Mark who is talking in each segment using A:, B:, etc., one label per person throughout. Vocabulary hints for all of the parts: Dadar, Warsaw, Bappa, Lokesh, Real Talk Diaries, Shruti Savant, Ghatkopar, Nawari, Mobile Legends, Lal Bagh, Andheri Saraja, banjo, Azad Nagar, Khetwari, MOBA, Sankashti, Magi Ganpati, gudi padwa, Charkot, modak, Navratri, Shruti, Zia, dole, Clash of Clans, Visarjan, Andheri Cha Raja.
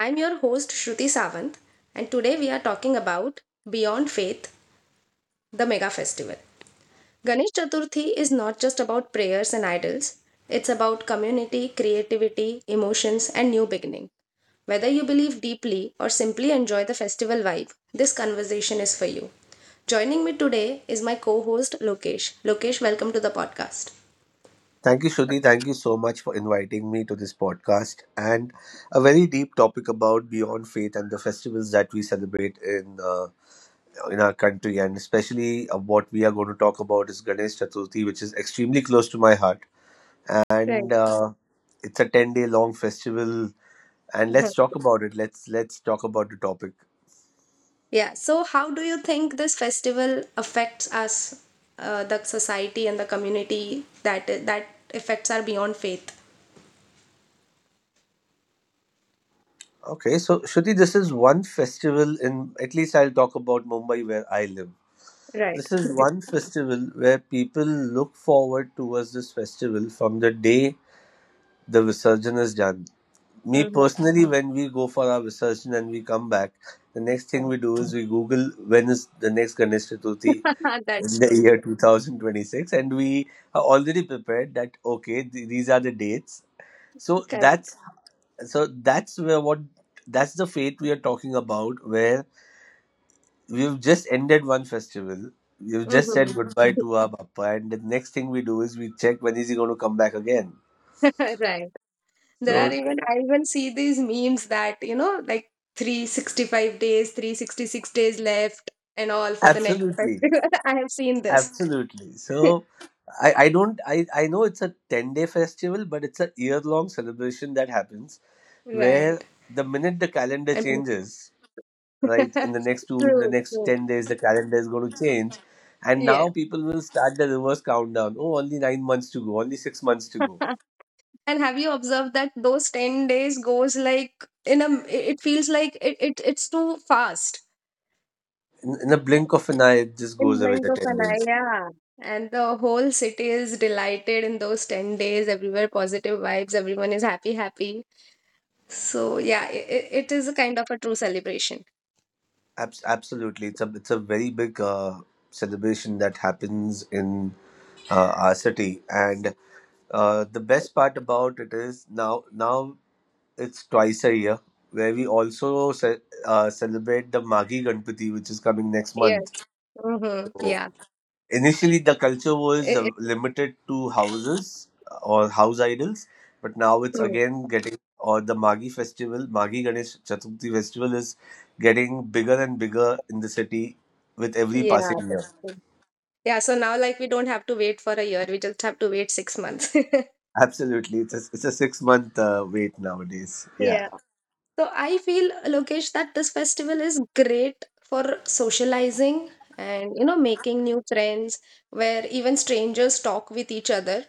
A: I'm your host, Shruti Savant, and today we are talking about Beyond Faith, the mega festival. Ganesh Chaturthi is not just about prayers and idols, it's about community, creativity, emotions, and new beginning. Whether you believe deeply or simply enjoy the festival vibe, this conversation is for you. Joining me today is my co host, Lokesh. Lokesh, welcome to the podcast.
B: Thank you, Shruti. Thank you so much for inviting me to this podcast and a very deep topic about beyond faith and the festivals that we celebrate in our country, and especially what we are going to talk about is Ganesh Chaturthi, which is extremely close to my heart, and
A: Right.
B: it's a 10-day long festival. And let's talk about it. Let's talk about the topic.
A: Yeah. So, how do you think this festival affects us, the society and the community, that effects are beyond faith?
B: Okay, so Shruti, this is one festival in at least I'll talk about Mumbai where I live.
A: Right.
B: This is one festival where people look forward towards this festival from the day the Visarjan is done. Me
A: hmm
B: personally, when we go for our Visarjan and we come back, the next thing
A: Right.
B: we do is we Google when is the next Ganesh Chaturthi in
A: That's
B: the
A: true.
B: year 2026, and we are already prepared that okay, these are the dates. So
A: Correct.
B: that's so that's where what that's the fate we are talking about, where we've just ended one festival. We've just said
A: Hmm
B: goodbye to our Bappa, and the next thing we do is we check when is he going to come back again.
A: Right. There
B: So
A: are even I even see these memes that like 365 days, 366 days left, and all for the next
B: absolutely,
A: festival. I have seen this.
B: absolutely. So I don't I know it's a 10-day festival, but it's a year long celebration that happens where
A: Right.
B: the minute the calendar
A: And
B: changes, right in the next two in the
A: True.
B: next
A: True.
B: ten days the calendar is going to change, and
A: Yeah.
B: now people will start the reverse countdown. Oh, only 9 months to go, only 6 months to go,
A: And have you observed that those 10 days goes like in a it feels like it's too fast
B: in a blink of an eye, it just
A: in
B: goes away.
A: blink
B: The
A: of
B: ten
A: an eye,
B: days.
A: yeah. And the whole city is delighted in those 10 days, everywhere positive vibes, everyone is happy, happy. So yeah, it is a kind of a true celebration.
B: Absolutely, it's a very big celebration that happens in our city, and the best part about it is now it's twice a year where we also celebrate the Magi Ganpati, which is coming next
A: Yes.
B: month.
A: Mm-hmm.
B: So,
A: Yeah.
B: initially, the culture was
A: It's
B: limited to houses or house idols, but now it's
A: true.
B: again getting, or the Magi festival, Magi Ganesh Chaturthi festival is getting bigger and bigger in the city with every
A: Yeah.
B: passing
A: That's
B: year.
A: true. Yeah, so now like we don't have to wait for a year, we just have to wait 6 months.
B: Absolutely. It's a 6-month wait nowadays. Yeah.
A: Yeah. So I feel, Lokesh, that this festival is great for socializing and making new friends where even strangers talk with each other,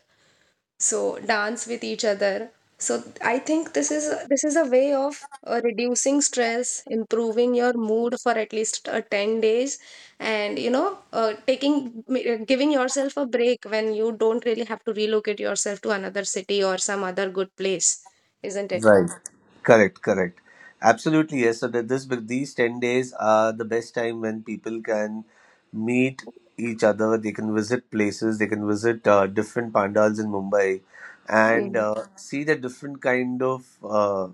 A: so dance with each other. So I think this is a way of reducing stress, improving your mood for at least 10 days and taking giving yourself a break when you don't really have to relocate yourself to another city or some other good place, isn't it?
B: Right. Correct. Correct. Absolutely. Yes. So that this but these 10 days are the best time when people can meet each other. They can visit places. They can visit different pandals in Mumbai and
A: Mm,
B: see the different kind of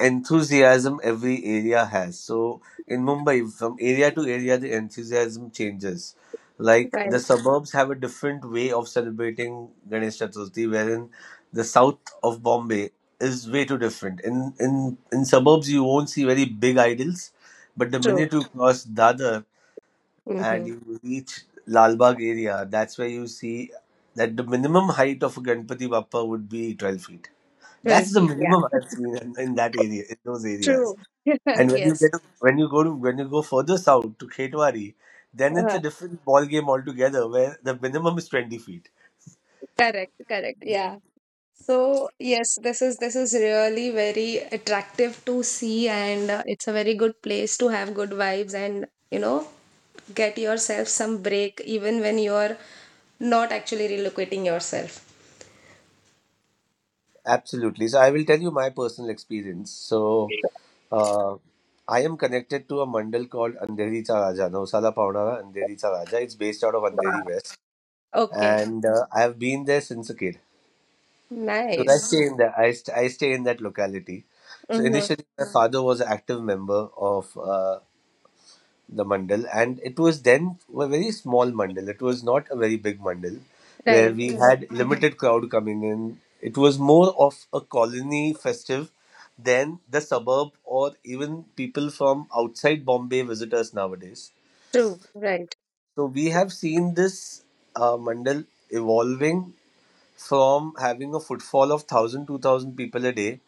B: enthusiasm every area has. So in Mumbai, from area to area, the enthusiasm changes. Like
A: right,
B: the suburbs have a different way of celebrating Ganesh Chaturthi, wherein the south of Bombay is way too different. In suburbs, you won't see very big idols, but the minute you cross Dadar and
A: Mm-hmm.
B: you reach Lalbagh area, that's where you see that the minimum height of a Ganpati Bappa would be 12 feet.
A: 12
B: That's the
A: feet, yeah.
B: minimum I've seen in that area, in those areas.
A: True.
B: And
A: Yes.
B: when you go further south to Khetwari, then it's a
A: Uh,
B: different ball game altogether, where the minimum is 20 feet.
A: correct, correct. Yeah. So, yes, this is really very attractive to see and it's a very good place to have good vibes and get yourself some break even when you're not actually relocating yourself.
B: Absolutely. So I will tell you my personal experience. So uh, I am connected to a mandal called Andheri Cha Raja, Nausala Paunara Andheri Cha Raja. It's based out of
A: Wow.
B: Andheri West,
A: Okay.
B: and I have been there since a kid. Because I
A: Nice.
B: stay in that, I, st- I stay in that locality. So
A: Mm-hmm.
B: initially, my father was an active member of the mandal, and it was then a very small mandal, it was not a very big mandal, where
A: Right.
B: we
A: Mm-hmm.
B: had limited crowd coming in. It was more of a colony festive than the suburb or even people from outside Bombay visitors nowadays.
A: True. Right.
B: So we have seen this mandal evolving from having a footfall of one thousand two thousand people a day.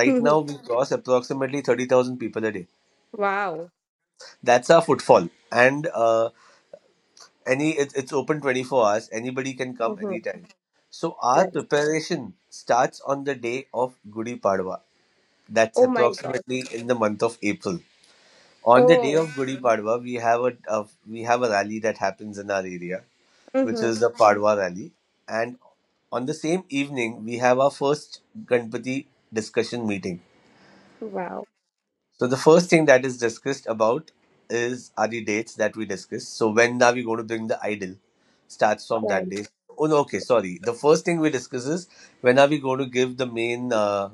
B: Right now we cross approximately 30,000 people a day.
A: Wow.
B: That's our footfall. And it's open 24 hours. Anybody can come
A: Mm-hmm.
B: anytime. So our
A: Right.
B: preparation starts on the day of Gudi Padwa. That's
A: Oh my God.
B: approximately in the month of April. On the day
A: Oh.
B: of Gudi Padwa, we have a rally that happens in our area, which
A: Mm-hmm.
B: is the Padwa rally. And on the same evening we have our first Ganpati discussion meeting.
A: Wow.
B: So the first thing that is discussed about is are the dates that we discuss. So when are we going to bring the idol? Starts from
A: Right,
B: that day. Oh no, okay, sorry. The first thing we discuss is when are we going to give the main,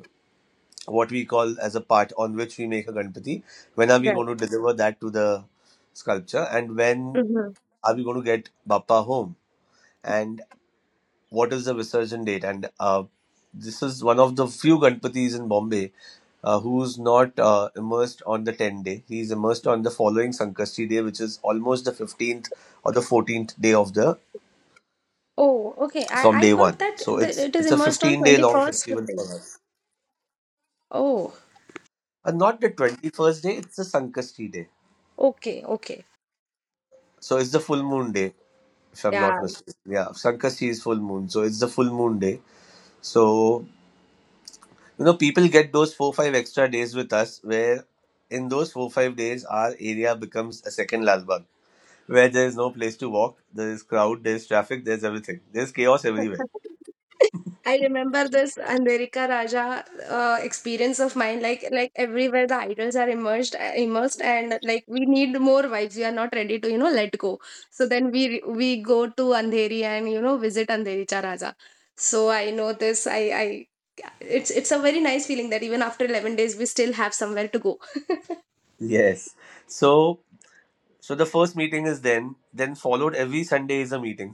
B: what we call as a part on which we make a Ganpati. When are we
A: right.
B: going to deliver that to the sculpture, and when
A: hmm
B: are we going to get Bappa home? And what is the Visarjan date? And this is one of the few Ganpatis in Bombay who's not immersed on the 10th day. He's immersed on the following Sankashti day, which is almost the 15th or the 14th day of the
A: Oh, okay. I,
B: from
A: I
B: day
A: heard
B: one.
A: that
B: So it's
A: it is
B: it's a
A: immersed on
B: 15-day long
A: 21st
B: festival
A: day.
B: for us.
A: Oh,
B: And not the 21st day, it's the Sankashti day.
A: okay, okay.
B: So it's the full moon day, if I'm
A: Yeah.
B: not mistaken. Yeah, Sankashti is full moon. So it's the full moon day. So people get those 4, 5 extra days with us, where in those 4, 5 days, our area becomes a second Lalbagh where there is no place to walk, there is crowd, there is traffic, there's everything. There's chaos everywhere.
A: I remember this Andherika Raja experience of mine. Like everywhere the idols are immersed, and like we need more vibes. We are not ready to let go. So then we go to Andheri and visit Andherika Raja. So I know this. I it's a very nice feeling that even after 11 days we still have somewhere to go.
B: Yes. So, so, the first meeting is then followed every Sunday is a meeting.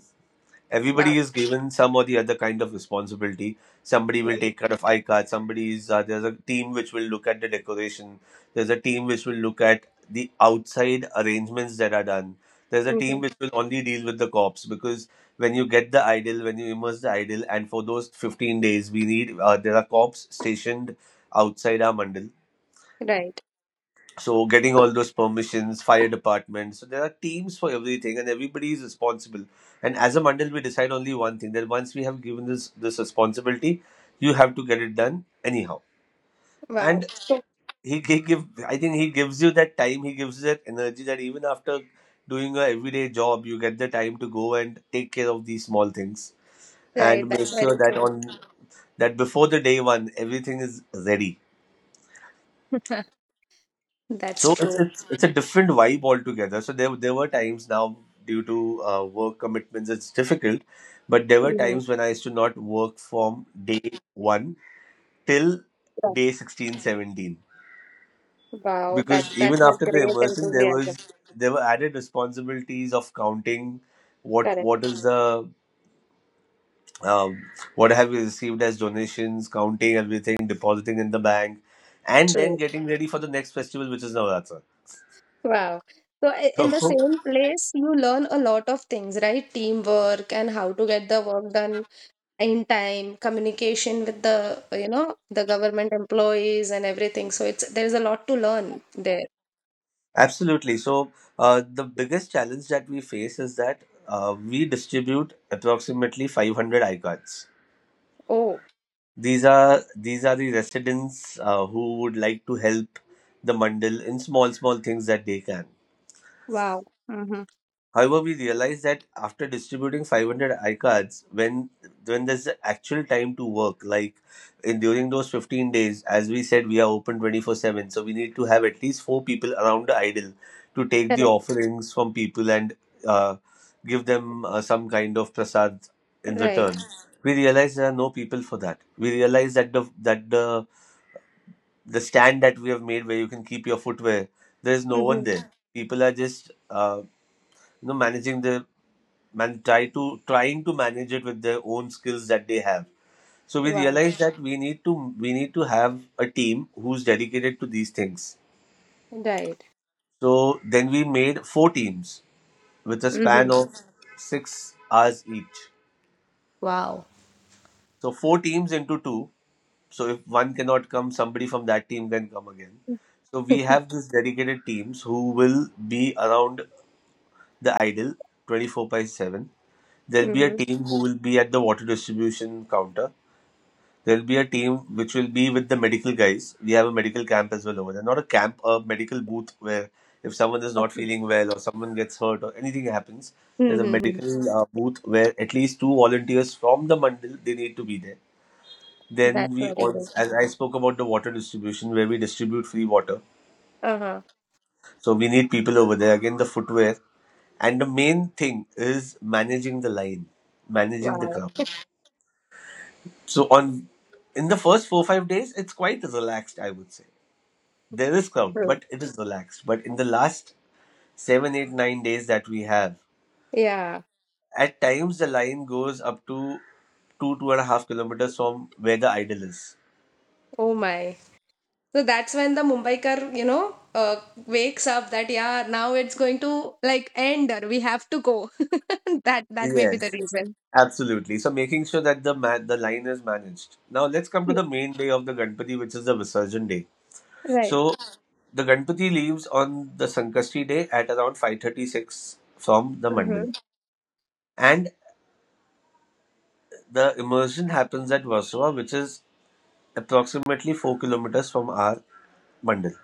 A: Wow.
B: Everybody is given some or the other kind of responsibility. Somebody will take care of iCard. Somebody's there's a team which will look at the decoration. There's a team which will look at the outside arrangements that are done. There's a team
A: hmm
B: which will only deal with the cops, because when you get the idol, when you immerse the idol, and for those 15 days we need, there are cops stationed outside our mandal,
A: Right.
B: so getting all those permissions, fire department. So there are teams for everything and everybody is responsible. And as a mandal we decide only one thing, that once we have given this responsibility you have to get it done anyhow.
A: Wow.
B: And
A: So,
B: he give I think he gives you that time, he gives you that energy, that even after doing a everyday job you get the time to go and take care of these small things
A: right.
B: and make
A: That's very
B: sure that
A: true.
B: on that before the day one everything is ready. So
A: That's
B: it's
A: true.
B: it's it's a different vibe altogether. So there were times, now due to work commitments it's difficult, but there were
A: Yeah.
B: times when I used to not work from day one till
A: Yeah.
B: day 16, 17.
A: Wow. That's
B: Because even
A: that's a
B: after the
A: great
B: immersion there
A: enthusiasm.
B: was there were added responsibilities of counting
A: Correct.
B: what is the um, what have you received as donations, counting everything, depositing in the bank, and then
A: True.
B: getting ready for the next festival which is Navratri.
A: Wow. So in the
B: So
A: same place, you learn a lot of things, right? Teamwork and how to get the work done in time, communication with the government employees and everything. So it's there's a lot to learn there.
B: Absolutely. So, the biggest challenge that we face is that we distribute approximately 500 icons.
A: Oh,
B: These are the residents who would like to help the mandal in small small things that they can.
A: wow. Mm-hmm.
B: However, we realized that after distributing 500 iCards, when there's the actual time to work, like in during those 15 days, as we said, we are open 24/7, so we need to have at least four people around the idol to take the
A: Correct.
B: offerings from people and uh, give them some kind of prasad in return.
A: Right.
B: We realize there are no people for that. We realize that that the the stand that we have made where you can keep your footwear, there is no one
A: Mm-hmm.
B: there. People are just you know managing the man try to trying to manage it with their own skills that they have. So we
A: Wow.
B: realized that we need to have a team who's dedicated to these things.
A: Right.
B: So then we made four teams with a span
A: Mm-hmm.
B: of 6 hours each,
A: Wow.
B: so four teams into two, so if one cannot come somebody from that team can come again. So we have these dedicated teams who will be around the idol 24 by 7. There'll be a
A: Mm-hmm.
B: team who will be at the water distribution counter. There'll be a team which will be with the medical guys. We have a medical camp as well over there. Not a camp, a medical booth, where if someone is not
A: Okay.
B: feeling well or someone gets hurt or anything happens, there's a
A: Mm-hmm.
B: medical booth where at least two volunteers from the mandal they need to be there. Then
A: That's
B: we
A: very good.
B: also, as I spoke about the water distribution where we distribute free water.
A: Uh-huh.
B: So we need people over there. Again, the footwear and the main thing is managing the line, managing the
A: Wow.
B: crowd. So on in the first 4 5 days, it's quite relaxed, I would say. There is crowd,
A: True.
B: but it is relaxed. But in the last seven, eight, 9 days that we have,
A: Yeah.
B: at times the line goes up to 2.5 kilometers from where the idol is.
A: Oh my. So that's when the Mumbaikar, wakes up that yeah, now it's going to like end or we have to go. That may be the
B: Yes,
A: reason.
B: absolutely. So making sure that the line is managed. Now let's come to
A: Yeah.
B: the main day of the Ganpati, which is the Visarjan day.
A: Right.
B: So the Ganpati leaves on the Sankashti day at around 5:36 from the Mandal,
A: Mm-hmm.
B: and the immersion happens at Warsaw, which is approximately 4 kilometers from our mandal.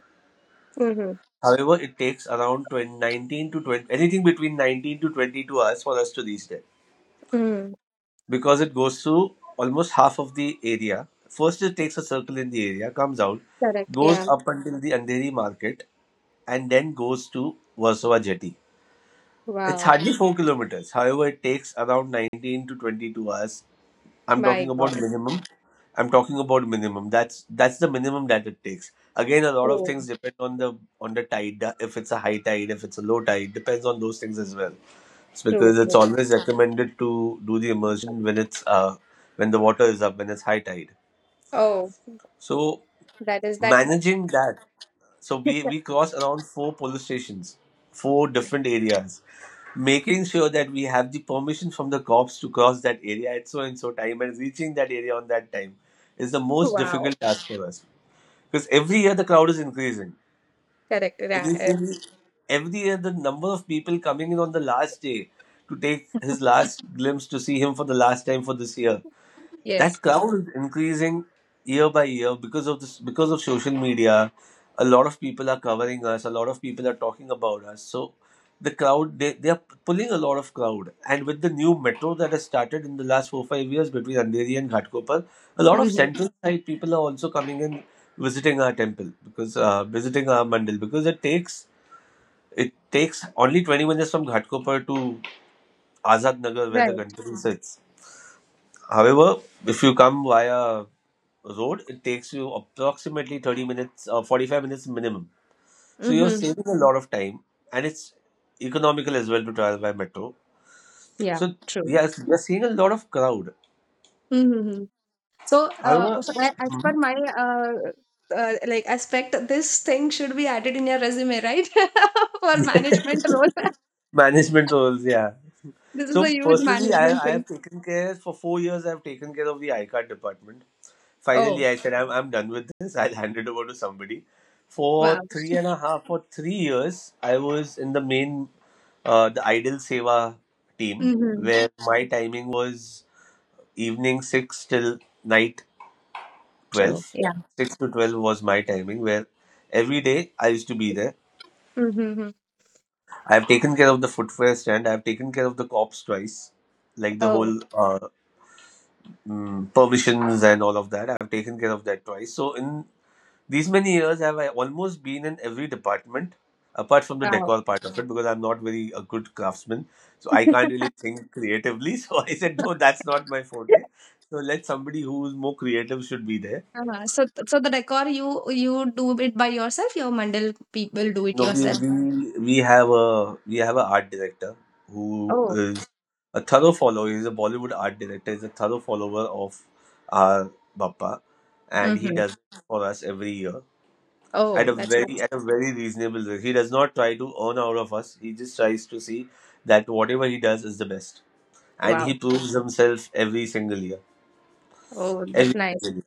A: Mm-hmm.
B: However, it takes around twenty nineteen to 20, anything between 19 to 22 hours for us to reach there
A: Mm-hmm.
B: because it goes through almost half of the area. First, it takes a circle in the area, comes out,
A: Correct.
B: goes
A: Yeah.
B: up until the Andheri market, and then goes to Warsaw Jetty. It's
A: Wow.
B: hardly 4 kilometers. However, it takes around 19 to 22 hours. I'm
A: My
B: talking about
A: God.
B: minimum. I'm talking about minimum. That's the minimum that it takes. Again, a lot of
A: True.
B: things depend on the tide. If it's a high tide, if it's a low tide, depends on those things as well. It's
A: True.
B: because it's
A: True.
B: always recommended to do the immersion when it's when the water is up, when it's high tide.
A: Oh,
B: So
A: that is that.
B: managing that, so we crossed around four police stations, four different areas, making sure that we have the permission from the cops to cross that area at so and so time, and reaching that area on that time is the most
A: Wow.
B: difficult task for us. Because every year the crowd is increasing.
A: Correct. Yeah. Yeah.
B: Initially, every year the number of people coming in on the last day to take his last glimpse, to see him for the last time for this year, that
A: Yes.
B: crowd is increasing year by year, because of this, because of social media. A lot of people are covering us, a lot of people are talking about us, so the crowd, they are pulling a lot of crowd. And with the new metro that has started in the last 4 5 years between Andheri and Ghatkopar, a lot of
A: Mm-hmm.
B: central side people are also coming in, visiting our temple because visiting our mandal, because it takes only 20 minutes from Ghatkopar to Azad Nagar where the
A: Right.
B: Gantari sits. However, if you come via road, it takes you approximately 30 minutes or 45 minutes minimum. So you're
A: Mm-hmm.
B: saving a lot of time, and it's economical as well to travel by metro.
A: Yeah,
B: So
A: true.
B: yes, we are seeing a lot of crowd.
A: Mm-hmm. So,
B: However,
A: as per
B: mhm.
A: my like aspect, this thing should be added in your resume, right? For management role,
B: Management roles, yeah.
A: this is a
B: So
A: huge
B: personally,
A: management
B: I
A: thing.
B: have taken care for 4 years. I've taken care of the I card department.
A: Oh,
B: Finally, I said, I'm done with this. I'll hand it over to somebody.
A: wow.
B: For three and a half, for 3 years, I was in the main, the Idol Seva team,
A: Mm-hmm.
B: where my timing was evening 6 till night
A: True.
B: 12.
A: Yeah.
B: 6 to 12 was my timing, where every day I used to be there.
A: Mm-hmm.
B: I've taken care of the footwear stand. I've taken care of the cops twice, like the
A: Oh,
B: whole permissions and all of that. I've taken care of that twice. So in these many years, have I almost been in every department apart from the
A: wow.
B: decor part of it, because I'm not very a good craftsman. So I can't really think creatively. So I said, no, that's not my forte. So let somebody who's more creative should be there.
A: So the decor you do it by yourself. Your Mandal people do it
B: No,
A: yourself.
B: we have an art director who
A: Oh.
B: is a thorough follower. He's a Bollywood art director. He's a thorough follower of our Bappa, and he
A: Mm-hmm.
B: does it for us every year at
A: Oh,
B: a
A: that's
B: very
A: nice.
B: reasonable rate. He does not try to earn out of us. He just tries to see that whatever he does is the best, and he
A: Wow.
B: proves himself every single year.
A: Oh, that's
B: Every
A: nice.
B: single year,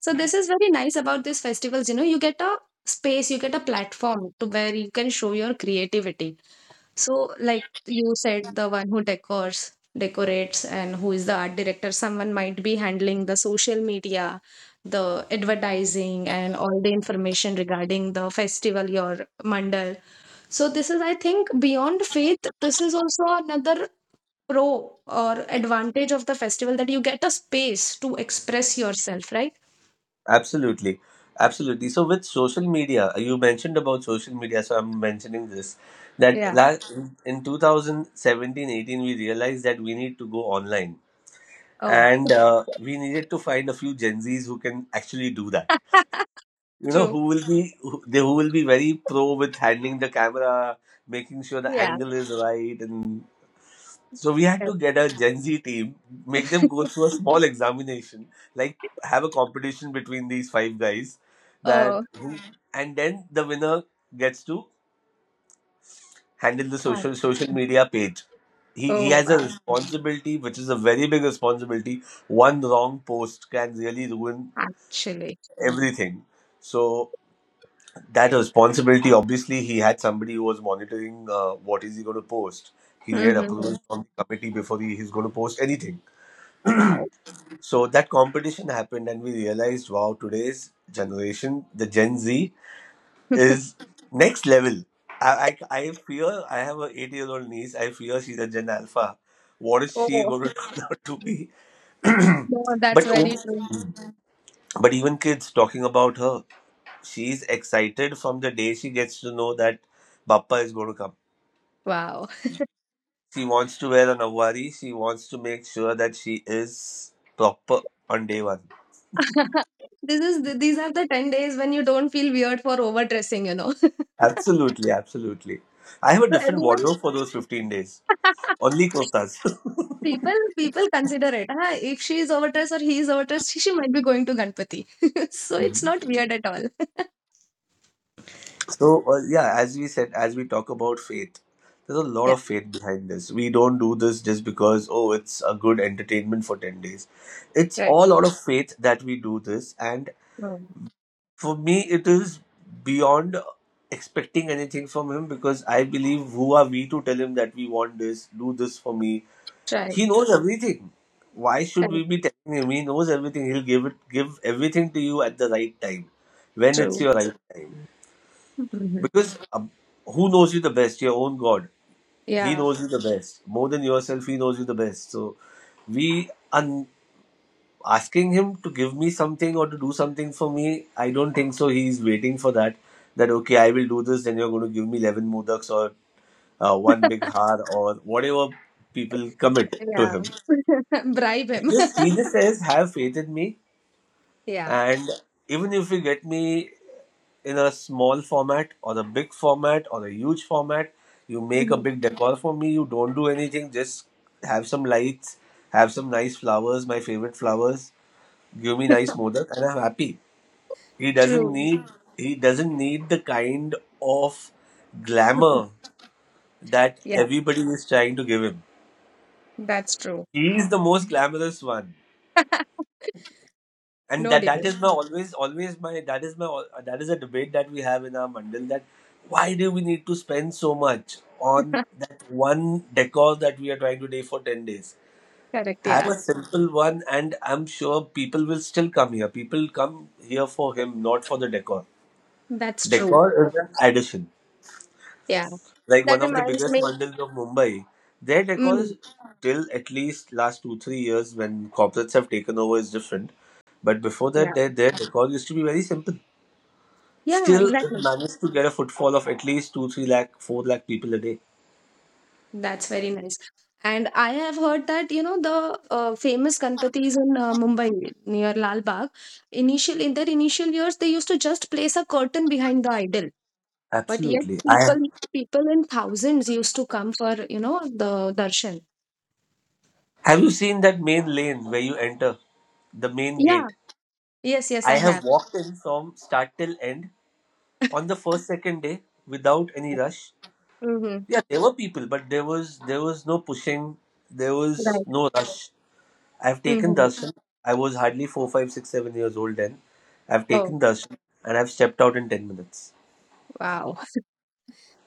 A: So this is very nice about these festivals. You get a space, you get a platform to where you can show your creativity. So, like you said, the one who decorates, and who is the art director, someone might be handling the social media, the advertising, and all the information regarding the festival, your mandal. So, this is, I think, beyond faith, this is also another pro or advantage of the festival that you get a space to express yourself, right?
B: absolutely, absolutely. So with social media, you mentioned about social media, so I'm mentioning this that
A: Yeah.
B: last in 2017-18 we realized that we need to go online,
A: Oh,
B: and we needed to find a few Gen Z's who can actually do that. You know,
A: true.
B: who will be who- they who will be very pro with handling the camera, making sure the
A: Yeah.
B: angle is right, and so we had
A: Very.
B: to get a Gen Z team, make them go through a small examination, like have a competition between these five guys, that
A: Oh,
B: who, and then the winner gets to handle the
A: fun.
B: social media page. He
A: Oh,
B: has a
A: wow.
B: responsibility, which is a very big responsibility. One wrong post can really ruin
A: Actually.
B: everything. So that responsibility, obviously he had somebody who was monitoring what is he going to post. He needed
A: Hmm
B: approval from the committee before he's going to post anything.
A: Wow.
B: So that competition happened, and we realized, wow, today's generation, the Gen Z is next level. I fear. I have an 8-year-old niece. I fear she's a Gen Alpha. What is she
A: Oh,
B: going to turn out to be?
A: no, that's
B: But
A: very true.
B: even kids, talking about her, she's excited from the day she gets to know that Bappa is going to come.
A: Wow.
B: She wants to wear a Nawari. She wants to make sure that she is proper on day one.
A: These are the 10 days when you don't feel weird for overdressing.
B: Absolutely, absolutely. I have a
A: So
B: different
A: everyone
B: wardrobe for those 15 days. Only kurtas.
A: people consider it. Huh? If she is overdressed or he is overdressed, she might be going to Ganpati. So it's
B: Mhm.
A: not weird at all.
B: So, yeah, as we said, as we talk about faith, there's a lot
A: Yeah,
B: of faith behind this. We don't do this just because, oh, it's a good entertainment for 10 days. It's
A: right.
B: all out of faith that we do this. And
A: Oh,
B: for me, it is beyond expecting anything from him, because I believe, who are we to tell him that we want this, do this for me.
A: right,
B: He knows everything. Why should we
A: correct,
B: be telling him? He knows everything. He'll give everything to you at the right time, when it's
A: true.
B: your right time,
A: Mhm.
B: because who knows you the best? Your own god. He
A: Yeah,
B: knows you the best, more than yourself. He knows you the best. So we are asking him to give me something or to do something for me, I don't think so. He's waiting for that. That, okay, I will do this, then you're going to give me 11 modaks or one big har or whatever people commit to
A: yeah.
B: him.
A: Bribe
B: It's
A: him.
B: just, he just says, "Have faith in me,"
A: Yeah.
B: and even if you get me in a small format or the big format or the huge format, you make a
A: Mhm.
B: big decor for me. You don't do anything. Just have some lights, have some nice flowers, my favorite flowers. Give me nice modak, and I'm happy. He doesn't
A: True.
B: need he doesn't need the kind of glamour that
A: Yeah,
B: everybody is trying to give him.
A: that's true.
B: He is the most glamorous one. And
A: No debate.
B: that is a debate that we have in our mandal, that why do we need to spend so much on that one decor that we are trying to do for 10 days?
A: Correct.
B: Have a
A: Yeah,
B: simple one, and I'm sure people will still come here. People come here for him, not for the decor.
A: that's true.
B: Decor is an addition.
A: Yeah,
B: Like
A: that
B: one of the
A: reminds
B: biggest
A: me.
B: bundles of Mumbai, their decor
A: Mm,
B: is, till at least last 2 3 years when corporates have taken over, is different. But before
A: yeah,
B: that, their decor used to be very simple.
A: yeah,
B: Still,
A: exactly.
B: it managed to get a footfall of at least 2 3 lakh, four lakh people a day.
A: That's very nice. And I have heard that, the famous Ganpatis in Mumbai near Lal Bagh, initial in their initial years, they used to just place a curtain behind the idol. But yet
B: Absolutely, I
A: people in thousands used to come for the darshan.
B: have you seen that main lane where you enter the main
A: Yeah.
B: gate?
A: Yes, yes,
B: I
A: I have.
B: have walked in from start till end on the first second day without any rush.
A: Mm-hmm.
B: Yeah, there were people, but there was no pushing. There was
A: Right.
B: no rush. I've taken
A: Mm-hmm.
B: darshan. I was hardly four, five, six, 7 years old then. I've
A: Oh,
B: taken darshan and I've stepped out in 10 minutes.
A: wow.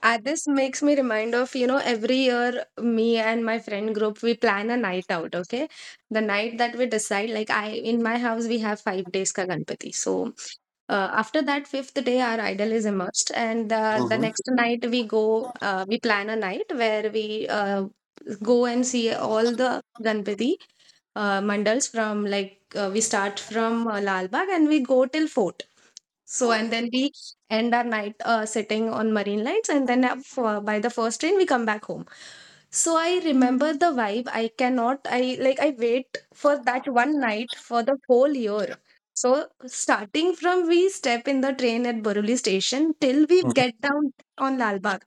A: This makes me remind of every year me and my friend group, we plan a night out, okay? The night that we decide, like I in my house we have 5 days ka Ganpati. So after that fifth day our idol is immersed and the
B: Hmm.
A: next night we plan a night where we go and see all the ganpati mandals from like we start from Lalbagh and we go till Fort so, and then we end our night sitting on Marine Lights, and then by the first train, we come back home. So, I remember the vibe. I cannot, I like, I wait for that one night for the whole year. So, starting from we step in the train at Borivali station till we get down on Lal Bagh,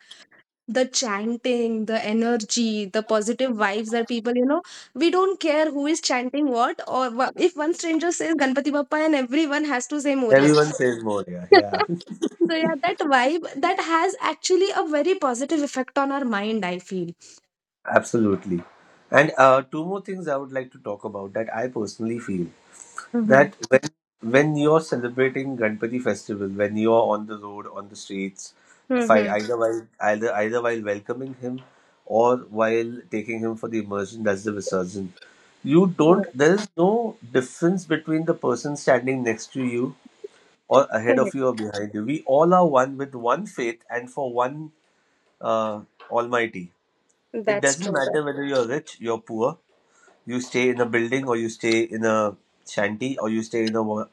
A: the chanting, the energy, the positive vibes that people, you know, we don't care who is chanting what, or if one stranger says Ganpati Bappa and everyone has to say Moria.
B: Everyone says more. Yeah, yeah,
A: So yeah, that vibe that has actually a very positive effect on our mind, I feel.
B: absolutely. And two more things I would like to talk about that I personally feel.
A: Mm-hmm.
B: That when you're celebrating Ganpati festival, when you're on the road, on the streets, fi-
A: Mm-hmm.
B: either while either either while welcoming him or while taking him for the immersion, that's the Visarjan. You
A: Yeah,
B: don't. There is no difference between the person standing next to you or ahead of
A: correct.
B: you or behind you. We all are one, with one faith and for one uh, Almighty. It
A: That's
B: doesn't
A: true. That,
B: matter whether you're rich, you're poor. You stay in a building, or you stay in a shanty, or you stay in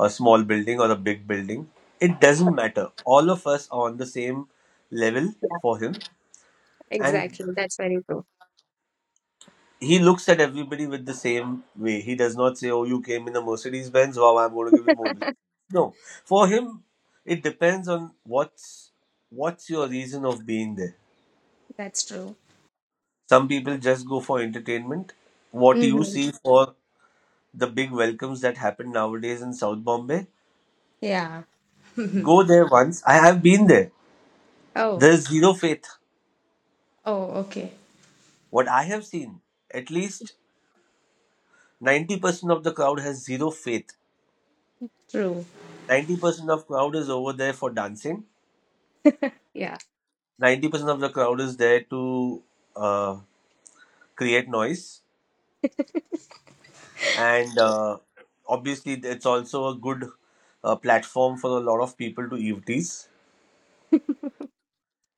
B: a small building or a big building. It doesn't matter. All of us are on the same level
A: yeah,
B: for him, and
A: exactly. That's very true.
B: he looks at everybody with the same way. He does not say, "Oh, you came in a Mercedes Benz. Wow, I'm going to give you more blessings." No, for him, it depends on what's your reason of being there.
A: That's true.
B: Some people just go for entertainment. What you
A: Mm-hmm.
B: see for the big welcomes that happen nowadays in South Bombay,
A: Yeah.
B: go there once. I have been there.
A: Oh,
B: There is zero faith.
A: oh, okay.
B: What I have seen, at least 90% of the crowd has zero faith.
A: True.
B: 90% of crowd is over there for dancing.
A: Yeah,
B: 90% of the crowd is there to uh, create noise. And obviously, it's also a good platform for a lot of people to eavesdrops.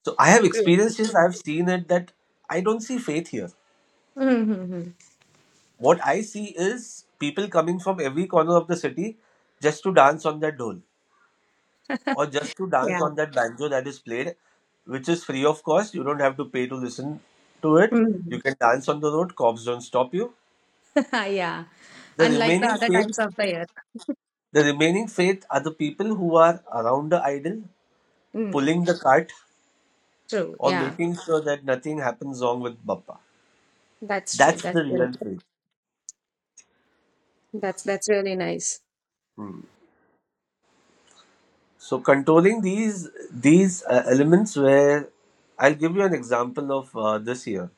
B: So I have
A: true.
B: experienced this. I have seen it that I don't see faith here.
A: Mm-hmm.
B: What I see is people coming from every corner of the city just to dance on that dole or just to dance
A: Yeah.
B: on that banjo that is played, which is free of cost. You don't have to pay to listen to it.
A: Mm-hmm.
B: You can dance on the road. Cops don't stop you.
A: Yeah.
B: The
A: Unlike the
B: remaining
A: other times
B: faith,
A: of the year.
B: the remaining faith are the people who are around the idol,
A: Mm.
B: pulling the cart
A: True.
B: or
A: Yeah.
B: making sure that nothing happens wrong with Bappa.
A: That's true.
B: That's
A: That's
B: the
A: very
B: real faith.
A: That's really nice.
B: Hmm. So controlling these elements, where I'll give you an example of this year.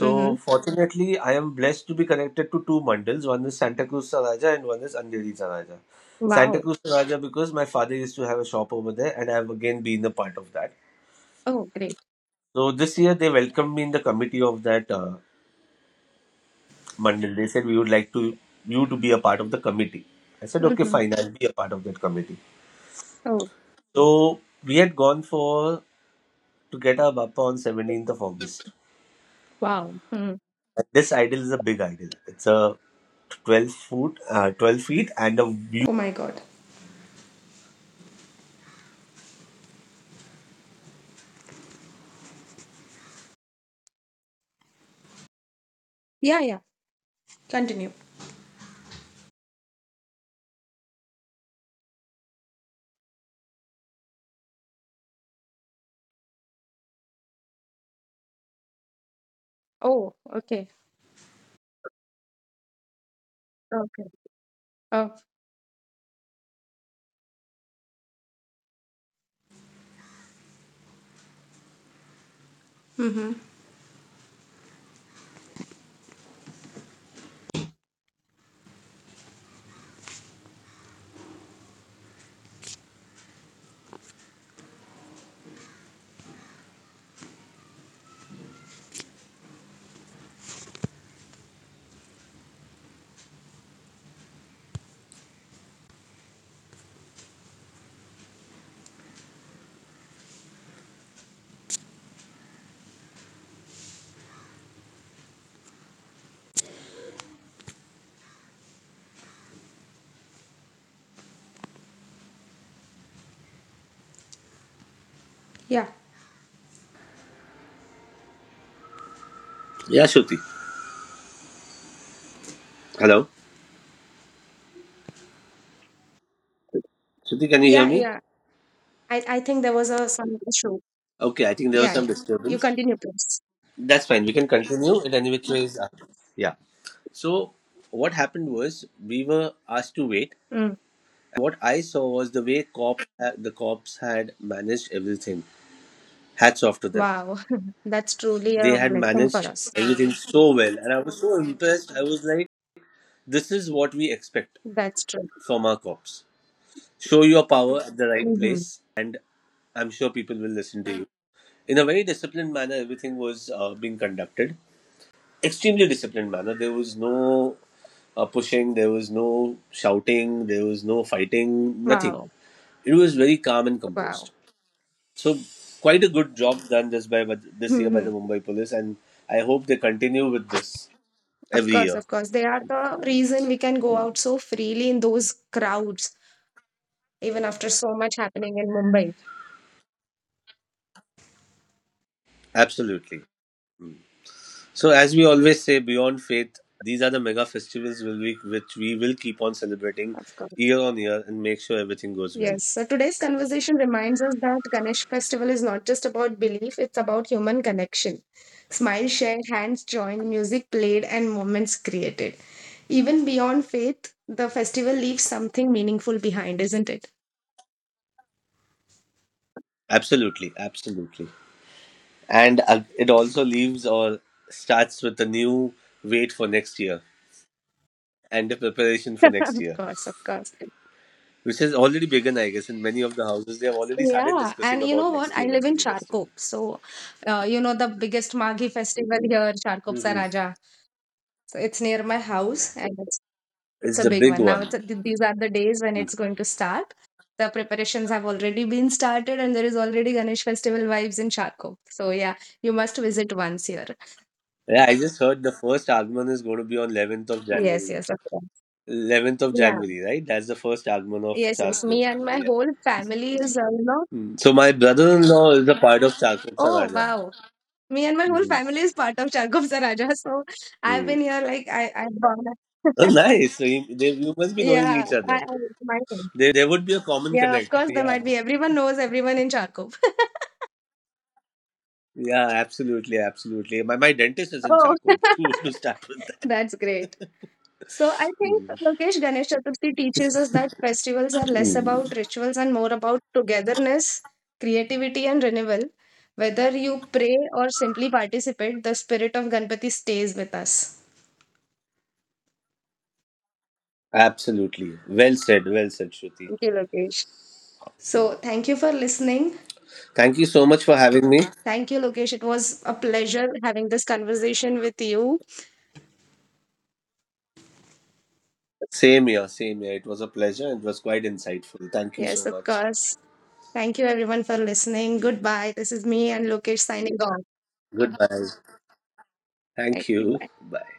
A: Mm-hmm.
B: fortunately, I am blessed to be connected to two mandals. One is Santa Cruz Saraja and one is Andheri Saraja. Santa
A: Wow.
B: Cruz Saraja because my father used to have a shop over there, and I have again been a part of that.
A: Oh, great.
B: So this year they welcomed me in the committee of that mandal. They said, "We would like to you to be a part of the committee." I said, "Okay,
A: Mm-hmm.
B: fine, I'll be a part of that committee."
A: Oh,
B: So we had gone for to get our bappa on 17th of August.
A: wow. Mm.
B: This idol is a big idol. It's a 12 foot 12 feet and a...
A: Oh my God. Yeah, yeah. Continue. Oh, okay. Okay. Oh. Mm-hmm. Yeah.
B: Yeah, Shruti. Hello. Shruti, can you hear
A: Yeah,
B: me?
A: yeah. I think there was a some issue.
B: Okay, I think there was
A: Yeah,
B: some
A: yeah. You
B: disturbance.
A: continue, please.
B: That's fine. We can continue it any which ways. Yeah. So what happened was we were asked to wait.
A: Mm.
B: What I saw was the way cops had managed everything. Hats off to them.
A: Wow. That's truly
B: They
A: a
B: had
A: blessing for
B: managed
A: us.
B: everything so well, and I was so impressed. I was like, "This is what we expect
A: That's true.
B: from our cops. Show your power at the right
A: Mm-hmm.
B: place, and I'm sure people will listen to you." In a very disciplined manner, everything was being conducted extremely disciplined manner. There was no pushing, there was no shouting, there was no fighting, nothing.
A: Wow.
B: It was very calm and
A: Wow.
B: composed. So quite a good job done this by this year by
A: Mm-hmm.
B: the Mumbai Police, and I hope they continue with this
A: Of
B: every
A: course,
B: year.
A: of course. They are the reason we can go out so freely in those crowds, even after so much happening in Mumbai.
B: Absolutely. So as we always say, beyond faith, these are the mega festivals which we will keep on celebrating
A: Of course.
B: year on year and make sure everything goes well.
A: Yes. So today's conversation reminds us that Ganesh festival is not just about belief, it's about human connection. Smiles shared, hands joined, music played, and moments created. Even beyond faith, the festival leaves something meaningful behind, isn't it?
B: Absolutely, absolutely. And it also leaves or starts with a new wait for next year and the preparation for next
A: Of
B: year,
A: course, of course.
B: which has already begun, I guess, in many of the houses. They have already started
A: Yeah,
B: discussing
A: and you know
B: about
A: what?
B: next
A: I
B: year
A: live in
B: Ganpati festival.
A: Charkop, so the biggest Maghi festival here, Charkop
B: Mhm.
A: Saraja. So it's near my house, and it's
B: It's
A: a
B: the
A: big
B: big
A: one. Now it's
B: one.
A: a, th- these are the days when it's going to start. The preparations have already been started, and there is already Ganesh festival vibes in Charco. So yeah, you must visit once here.
B: Yeah, I just heard the first agman is going to be on 11th of
A: Yes,
B: January.
A: yes, of course.
B: 11th of
A: Yeah,
B: January, right? That's the first agman of
A: yes, yes. Me
B: Charkot.
A: and my
B: Yeah.
A: whole family is,
B: Mm. So my brother-in-law is a part of Charkot
A: oh
B: Saraja.
A: wow. Me and my whole
B: Mm-hmm.
A: family is part of Charkov Saraja. So I've
B: Mm.
A: been here like I've gone.
B: Oh, nice. So you must be knowing
A: Yeah,
B: each other.
A: I my thing.
B: There would be a common
A: Yeah, of
B: connect.
A: course there
B: Yeah,
A: might be. Everyone knows everyone in Charkov.
B: yeah, absolutely, absolutely. My dentist is in
A: Oh,
B: Chaco to start with that.
A: That's great. So I think,
B: Mhm.
A: Lokesh, Ganesh Chaturthi teaches us that festivals are less
B: Mhm.
A: about rituals and more about togetherness, creativity, and renewal. Whether you pray or simply participate, the spirit of Ganpati stays with us.
B: Absolutely. Well said, Shruti.
A: Thank you, Lokesh. So thank you for listening.
B: Thank you so much for having me.
A: Thank you, Lokesh. It was a pleasure having this conversation with you.
B: Same here, same here. It was a pleasure. It was quite insightful. Thank you
A: Yes,
B: so
A: of
B: much.
A: course. Thank you, everyone, for listening. Goodbye. This is me and Lokesh signing off.
B: Goodbye.
A: Thank
B: Thank
A: you.
B: you.
A: Bye.
B: Bye.